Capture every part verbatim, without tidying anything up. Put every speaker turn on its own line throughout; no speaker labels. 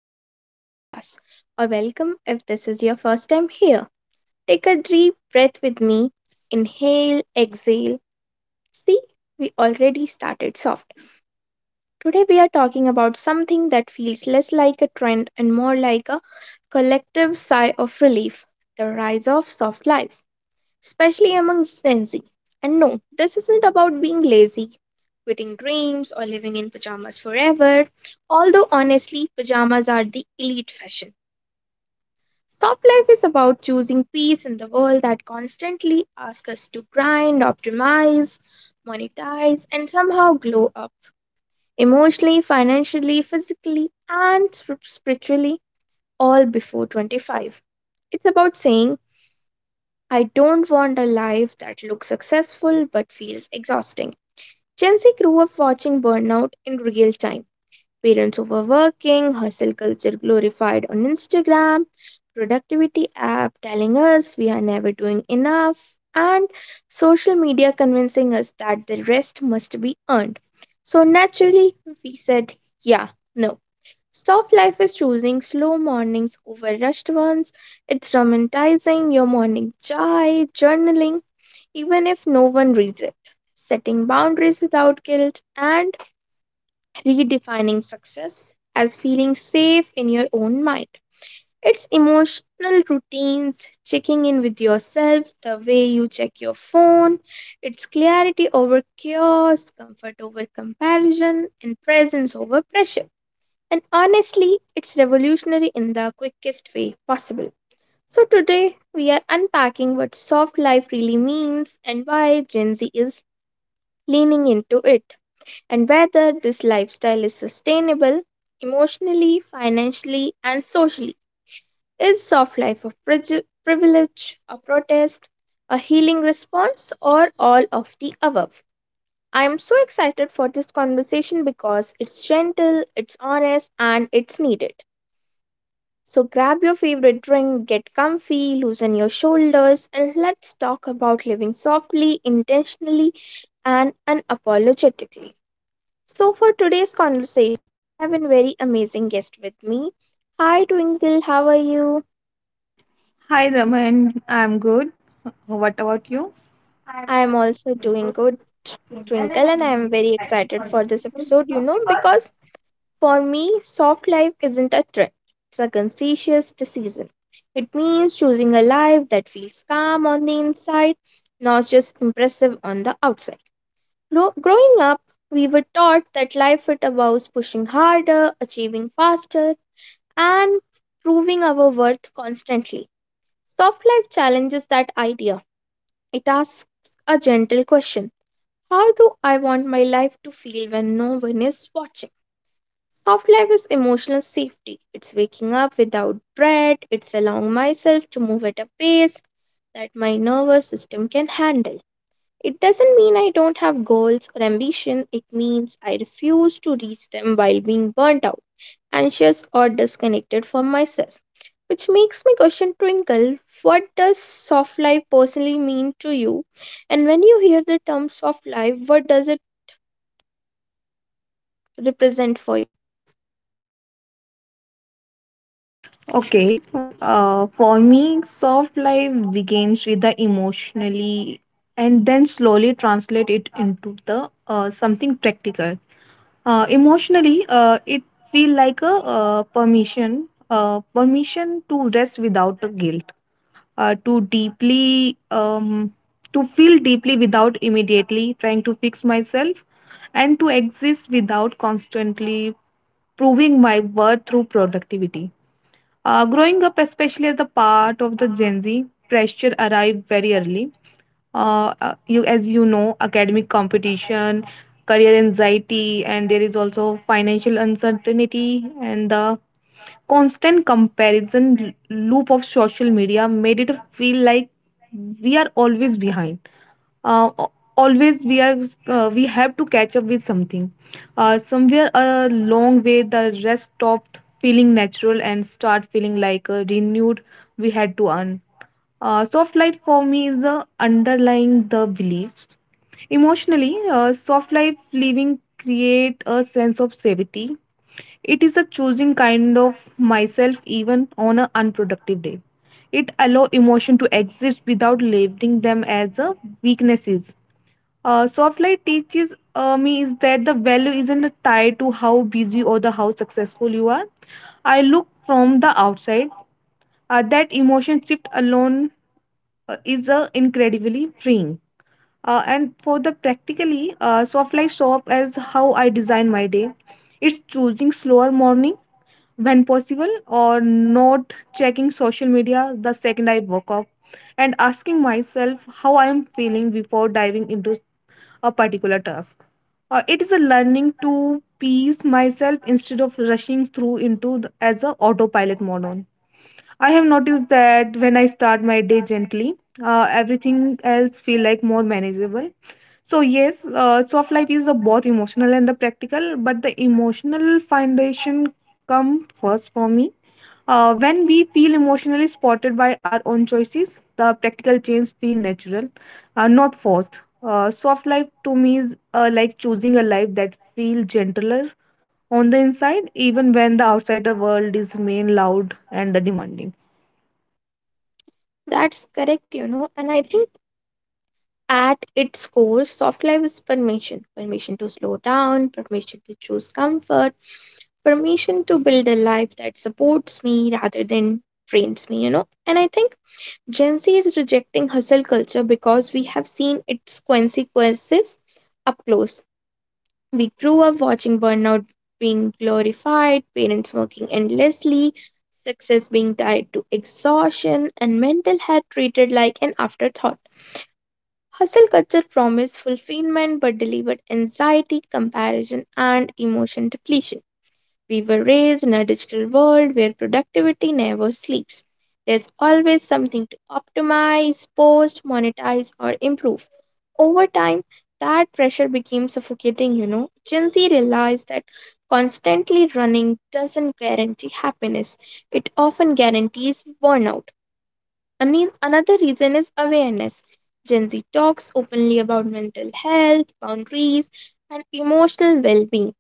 back to the podcast. Or welcome if this is your first time here. Take a deep breath with me. Inhale, exhale. See, we already started soft. Today we are talking about something that feels less like a trend and more like a collective sigh of relief, the rise of soft life, especially among Gen Z. And no, this isn't about being lazy, quitting dreams, or living in pajamas forever, although honestly, pajamas are the elite fashion. Soft life is about choosing peace in the world that constantly asks us to grind, optimize, monetize, and somehow glow up emotionally, financially, physically, and spir- spiritually, all before twenty-five. It's about saying, I don't want a life that looks successful but feels exhausting. Gen Z grew up watching burnout in real time. Parents overworking, hustle culture glorified on Instagram, productivity app telling us we are never doing enough, and social media convincing us that the rest must be earned. So naturally, we said, yeah, no. Soft life is choosing slow mornings over rushed ones. It's romanticizing your morning chai, journaling, even if no one reads it, setting boundaries without guilt, and redefining success as feeling safe in your own mind. It's emotional routines, checking in with yourself the way you check your phone. It's clarity over chaos, comfort over comparison, and presence over pressure. And honestly, it's revolutionary in the quickest way possible. So, today we are unpacking what soft life really means and why Gen Z is leaning into it, and whether this lifestyle is sustainable emotionally, financially, and socially. Is soft life a prigi- privilege, a protest, a healing response, or all of the above? I am so excited for this conversation because it's gentle, it's honest, and it's needed. So grab your favorite drink, get comfy, loosen your shoulders, and let's talk about living softly, intentionally, and unapologetically. So for today's conversation, I have a very amazing guest with me. Hi Twinkle, how are you?
Hi Raman, I'm good. What about you?
I am also doing good, Twinkle, and I am very excited for this episode, you know, because for me, soft life isn't a trend, it's a conscious decision. It means choosing a life that feels calm on the inside, not just impressive on the outside. Grow- growing up, we were taught that life is about pushing harder, achieving faster, and proving our worth constantly. Soft life challenges that idea. It asks a gentle question, how do I want my life to feel when no one is watching? Soft life is emotional safety. It's waking up without dread. It's allowing myself to move at a pace that my nervous system can handle. It doesn't mean I don't have goals or ambition. It means I refuse to reach them while being burnt out, anxious, or disconnected from myself. Which makes me question, Twinkle, what does soft life personally mean to you? And when you hear the term soft life, what does it represent for you?
Okay. Uh, for me, soft life begins with the emotionally and then slowly translate it into the uh, something practical. Uh, emotionally, uh, it feel like a uh, permission, uh, permission to rest without a guilt, uh, to deeply, um, to feel deeply without immediately trying to fix myself and to exist without constantly proving my worth through productivity. Uh, growing up, especially as a part of the Gen Z, pressure arrived very early. Uh, uh, you, as you know, academic competition, career anxiety, and there is also financial uncertainty, and the constant comparison l- loop of social media made it feel like we are always behind uh, a- always we are uh, we have to catch up with something uh, somewhere along way the rest stopped feeling natural and start feeling like a renewed we had to earn uh, soft light for me is the underlying the belief emotionally uh, soft life living create a sense of safety. It is a choosing kind of myself even on an unproductive day. It allow emotion to exist without labeling them as a weaknesses. Uh, soft light teaches uh, me is that the value isn't tied to how busy or the how successful you are. I look from the outside. Uh, that emotion shift alone uh, is uh, incredibly freeing. Uh, and for the practically, uh, soft light show up as how I design my day. It's choosing slower morning, when possible or not checking social media the second I woke up and asking myself how I am feeling before diving into a particular task. Uh, it is a learning to pace myself instead of rushing through into the, as a autopilot mode on. I have noticed that when I start my day gently, uh, everything else feel like more manageable. So yes, uh, soft life is uh, both emotional and the practical, but the emotional foundation come first for me. Uh, when we feel emotionally supported by our own choices, the practical change feel natural, uh, not forced. Uh, soft life to me is uh, like choosing a life that feel gentler on the inside, even when the outsider world is main loud and the demanding.
That's correct, you know, and I think at its core, soft life is permission permission to slow down, permission to choose comfort, permission to build a life that supports me rather than drains me, you know. And I think Gen Z is rejecting hustle culture because we have seen its consequences up close. We grew up watching burnout being glorified, parents working endlessly, success being tied to exhaustion, and mental health treated like an afterthought. Hustle culture promised fulfillment but delivered anxiety, comparison, and emotion depletion. We were raised in a digital world where productivity never sleeps. There's always something to optimize, post, monetize, or improve. Over time, that pressure became suffocating, you know. Gen Z realized that constantly running doesn't guarantee happiness, it often guarantees burnout. Ani- Another reason is awareness. Gen Z talks openly about mental health, boundaries, and emotional well being.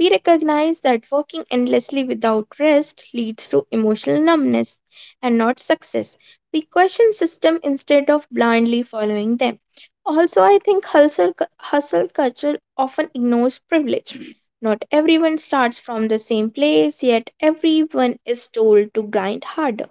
We recognize that working endlessly without rest leads to emotional numbness and not success. We question systems instead of blindly following them. Also, I think hustle, cu- hustle culture often ignores privilege. Not everyone starts from the same place, yet everyone is told to grind harder.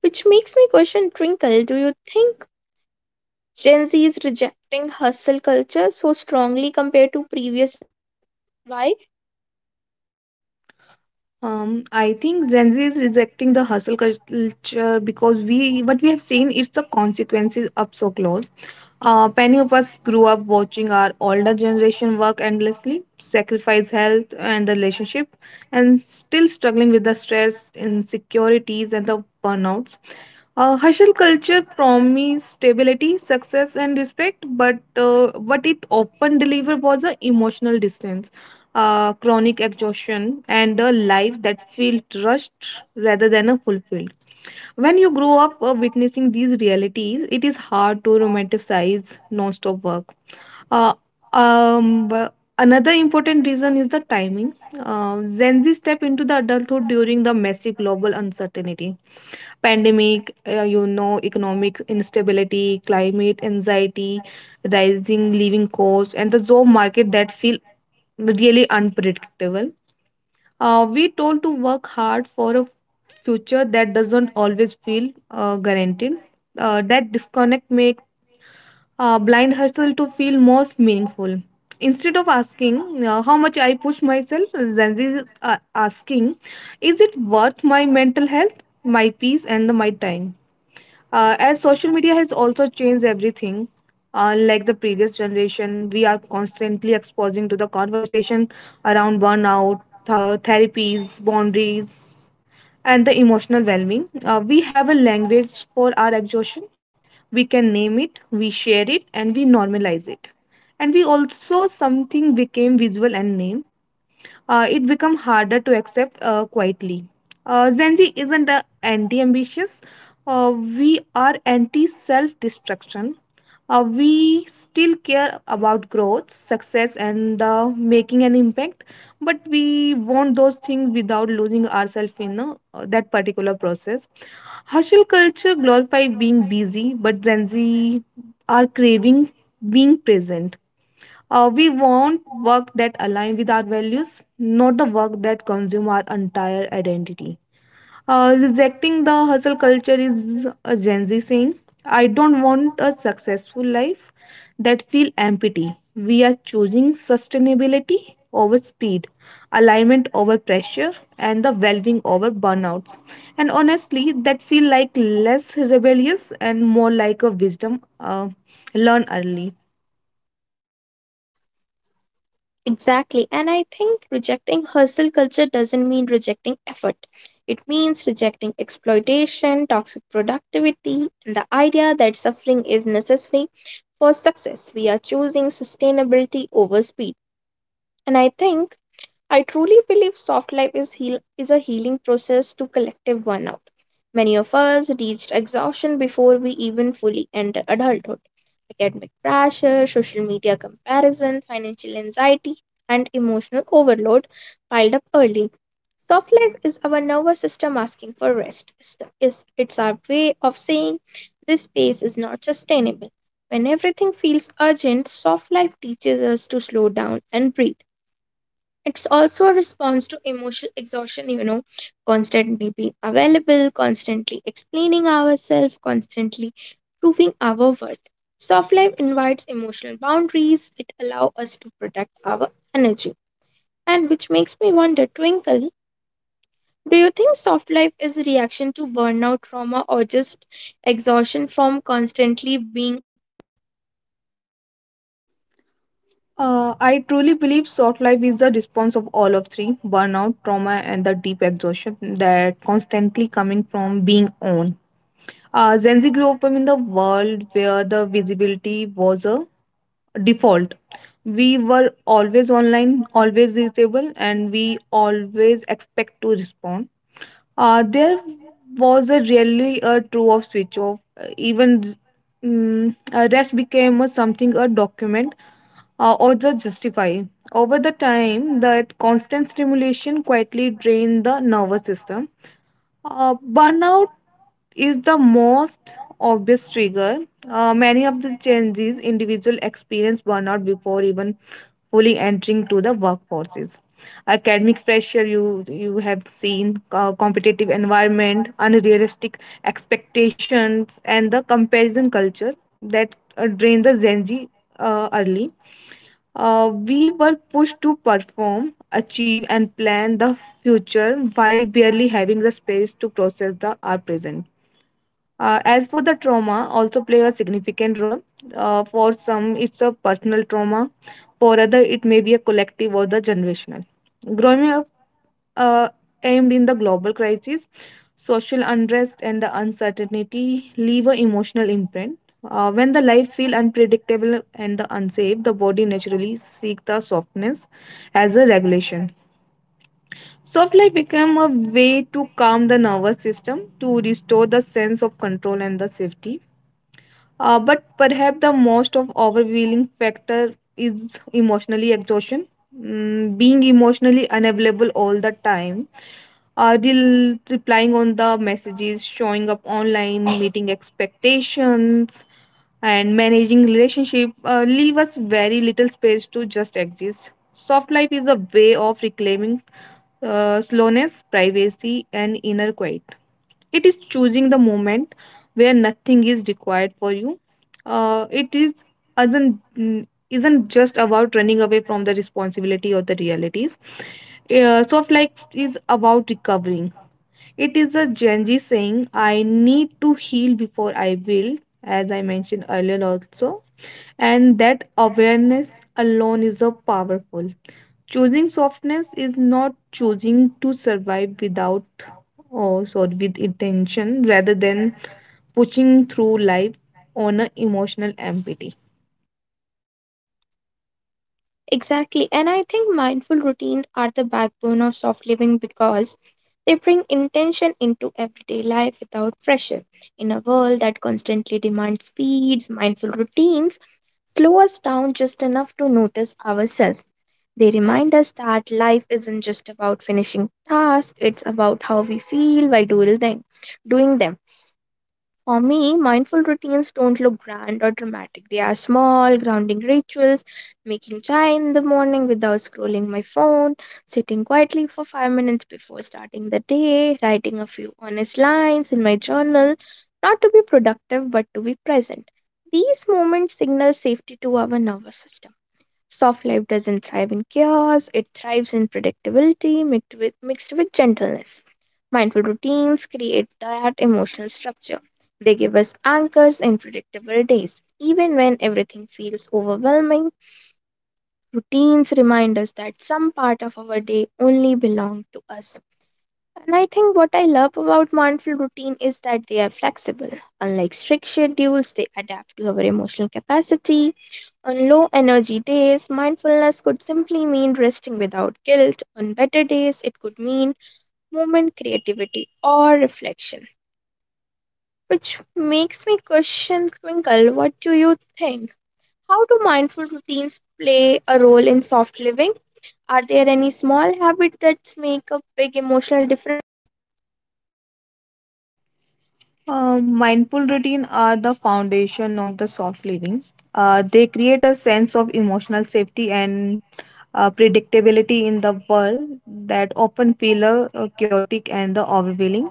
Which makes me question, Twinkle, do you think Gen Z is rejecting hustle culture so strongly compared to previous? Why?
Um, I think Gen Z is rejecting the hustle culture because we what we have seen is the consequences up so close. Uh, many of us grew up watching our older generation work endlessly, sacrifice health and the relationship, and still struggling with the stress, insecurities, and the burnouts. Uh, hustle culture promised stability, success, and respect, but uh, what it often delivered was an emotional distance, uh, chronic exhaustion, and a life that feels rushed rather than a fulfilled. When you grow up uh, witnessing these realities, it is hard to romanticize non-stop work. uh, um, but another important reason is the timing. Uh, Gen Z step into the adulthood during the massive global uncertainty, pandemic, uh, you know, economic instability, climate anxiety, rising living costs, and the job market that feel really unpredictable. Uh, we told to work hard for a future that doesn't always feel uh, guaranteed. Uh, that disconnect makes uh, blind hustle to feel more meaningful. Instead of asking uh, how much I push myself, Gen Z is uh, asking, is it worth my mental health, my peace, and my time? Uh, as social media has also changed everything, uh, like the previous generation, we are constantly exposing to the conversation around burnout, th- therapies, boundaries, and the emotional well-being. Uh, we have a language for our exhaustion. We can name it, we share it, and we normalize it. And we also something became visual and name uh, it becomes harder to accept uh, quietly. Uh, Gen Z isn't uh, anti ambitious, uh, we are anti self destruction. Uh, we still care about growth, success, and uh, making an impact, but we want those things without losing ourselves in uh, that particular process. Hustle culture glorifies being busy, but Gen Z are craving being present. Uh, we want work that align with our values, not the work that consume our entire identity. Uh, rejecting the hustle culture is a Gen Z saying, I don't want a successful life that feel empty. We are choosing sustainability over speed, alignment over pressure, and the well-being over burnouts. And honestly, that feel like less rebellious and more like a wisdom uh, learn early.
Exactly. And I think rejecting hustle culture doesn't mean rejecting effort. It means rejecting exploitation, toxic productivity, and the idea that suffering is necessary for success. We are choosing sustainability over speed. And I think I truly believe soft life is heal is a healing process to collective burnout. Many of us reached exhaustion before we even fully enter adulthood. Academic pressure, social media comparison, financial anxiety, and emotional overload piled up early. Soft life is our nervous system asking for rest. It's, the- it's it's our way of saying this pace is not sustainable. When everything feels urgent, soft life teaches us to slow down and breathe. It's also a response to emotional exhaustion, you know, constantly being available, constantly explaining ourselves, constantly proving our worth. Soft life invites emotional boundaries, it allows us to protect our energy. And which makes me wonder, Twinkle, do you think soft life is a reaction to burnout, trauma, or just exhaustion from constantly being on?
Uh, I truly believe soft life is the response of all of three burnout, trauma, and the deep exhaustion that constantly coming from being on. Uh, Gen Z grew up in the world where the visibility was a default. We were always online, always reachable, and we always expect to respond. Uh, there was a really a true of switch off. Uh, even mm uh, rest became a something a document uh, or just justify over the time that constant stimulation quietly drained the nervous system. Uh, burnout is the most obvious trigger. Uh, many of the changes individual experience burnout before even fully entering to the workforces. Academic pressure you you have seen, uh, competitive environment, unrealistic expectations, and the comparison culture that uh, drain the Gen Z uh, early. Uh, we were pushed to perform, achieve, and plan the future while barely having the space to process the our present. Uh, as for the trauma, also play a significant role. Uh, for some, it's a personal trauma. For other, it may be a collective or the generational. Growing up uh, aimed in the global crisis, social unrest, and the uncertainty leave a emotional imprint. Uh, when the life feel unpredictable and the unsafe, the body naturally seek the softness as a regulation. Soft life became a way to calm the nervous system, to restore the sense of control and the safety. Uh, but perhaps the most of overwhelming factor is emotionally exhaustion. Mm, being emotionally unavailable all the time, uh, rel- replying on the messages, showing up online, meeting expectations, and managing relationship uh, leave us very little space to just exist. Soft life is a way of reclaiming uh, slowness, privacy, and inner quiet. It is choosing the moment where nothing is required for you. Uh, it is isn't mm, isn't just about running away from the responsibility or the realities. Uh, soft life is about recovering. It is a Genji saying, I need to heal before I will, as I mentioned earlier also. And that awareness alone is a powerful. Choosing softness is not choosing to survive without oh, sorry with intention rather than pushing through life on an emotional empty.
Exactly. And I think mindful routines are the backbone of soft living because they bring intention into everyday life without pressure. In a world that constantly demands speeds, mindful routines slow us down just enough to notice ourselves. They remind us that life isn't just about finishing tasks, it's about how we feel while doing them. Doing them. For me, mindful routines don't look grand or dramatic. They are small, grounding rituals, making chai in the morning without scrolling my phone, sitting quietly for five minutes before starting the day, writing a few honest lines in my journal, not to be productive but to be present. These moments signal safety to our nervous system. Soft life doesn't thrive in chaos, it thrives in predictability mixed with, mixed with gentleness. Mindful routines create that emotional structure. They give us anchors in predictable days. Even when everything feels overwhelming, routines remind us that some part of our day only belongs to us. And I think what I love about mindful routine is that they are flexible. Unlike strict schedules, they adapt to our emotional capacity. On low energy days, mindfulness could simply mean resting without guilt. On better days, it could mean movement, creativity, or reflection. Which makes me question, Twinkle, what do you think? How do mindful routines play a role in soft living? Are there any small habits that make a big emotional difference?
Uh, mindful routine are the foundation of the soft living. Uh, they create a sense of emotional safety and uh, predictability in the world that often feel uh, uh, chaotic and the overwhelming.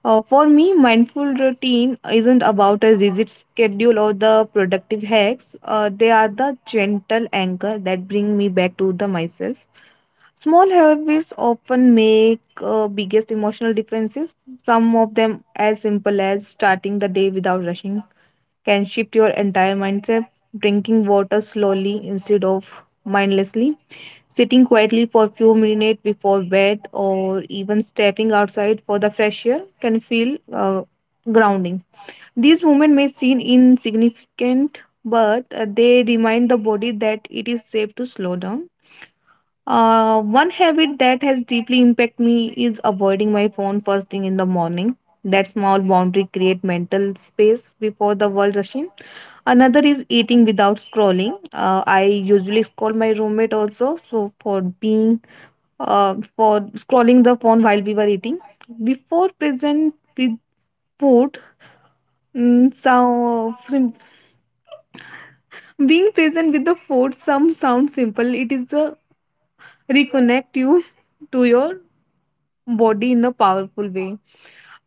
Uh, for me, mindful routine isn't about a rigid schedule or the productive hacks. Uh, they are the gentle anchor that bring me back to the myself. Small habits often make uh, biggest emotional differences. Some of them, as simple as starting the day without rushing, can shift your entire mindset. Drinking water slowly instead of mindlessly, sitting quietly for a few minutes before bed, or even stepping outside for the fresh air can feel uh, grounding. These movements may seem insignificant, but uh, they remind the body that it is safe to slow down. Uh, one habit that has deeply impacted me is avoiding my phone first thing in the morning. That small boundary create mental space before the world rush in. Another is eating without scrolling. Uh, I usually scold my roommate also, so for being uh, for scrolling the phone while we were eating. Before present with food, mm, so sim- Being present with the food, some sound simple. It is a reconnect you to your body in a powerful way.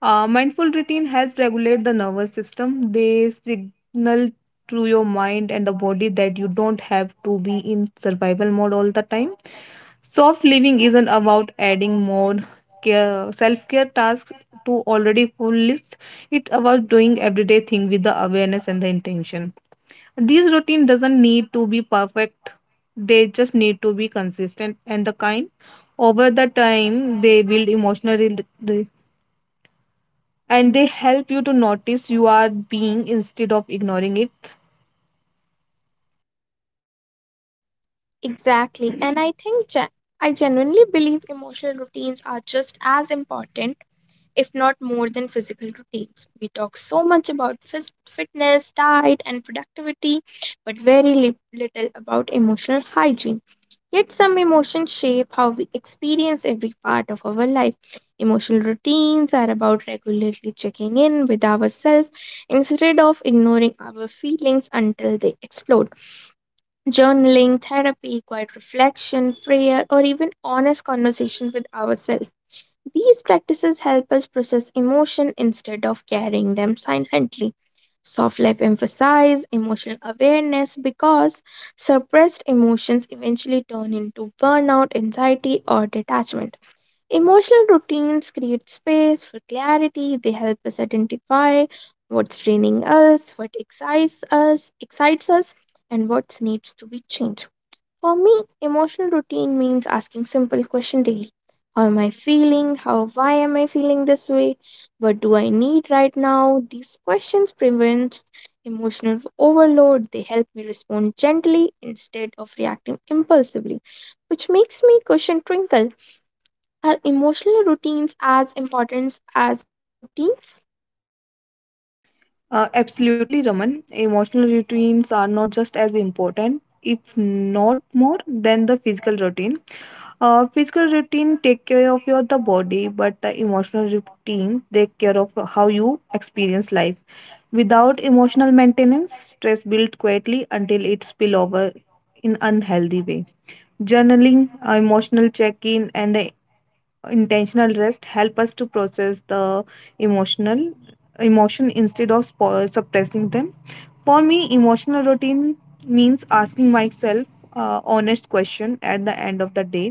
Uh, mindful routine helps regulate the nervous system. They signal to your mind and the body that you don't have to be in survival mode all the time. Soft living isn't about adding more care, self-care tasks to already full list. It's about doing everyday thing with the awareness and the intention. These routine doesn't need to be perfect. They just need to be consistent and the kind over the time they build emotional rel- re- and they help you to notice you are being instead of ignoring it.
Exactly. And I think gen- I genuinely believe emotional routines are just as important, if not more than physical routines. We talk so much about phys- fitness, diet and productivity, but very li- little about emotional hygiene. Yet some emotions shape how we experience every part of our life. Emotional routines are about regularly checking in with ourselves instead of ignoring our feelings until they explode. Journaling, therapy, quiet reflection, prayer, or even honest conversation with ourselves, these practices help us process emotion instead of carrying them silently. Soft life emphasize emotional awareness because suppressed emotions eventually turn into burnout, anxiety, or detachment. Emotional routines create space for clarity. They help us identify what's draining us, what excites us, excites us, and what needs to be changed. For me, emotional routine means asking simple question daily. How am I feeling? How why am I feeling this way? What do I need right now? These questions prevent emotional overload. They help me respond gently instead of reacting impulsively, which makes me question, Twinkle. Are emotional routines as important as routines?
Uh, absolutely, Raman. Emotional routines are not just as important, if not more, than the physical routine. Uh, physical routine take care of your the body, but the emotional routine take care of how you experience life. Without emotional maintenance, stress builds quietly until it spill over in unhealthy way. Journaling, uh, emotional check-in, and the intentional rest help us to process the emotional emotion instead of spo- suppressing them. For me emotional routine means asking myself uh, honest question at the end of the day.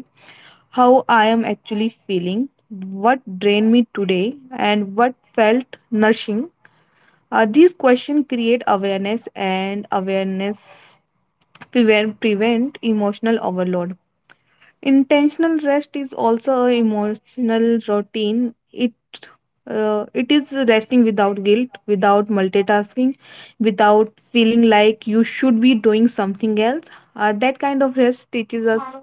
How I am actually feeling, what drained me today, and what felt nourishing? Uh, these questions create awareness, and awareness prevent, prevent emotional overload. Intentional rest is also an emotional routine. It uh, it is resting without guilt, without multitasking, without feeling like you should be doing something else. Uh, that kind of rest teaches us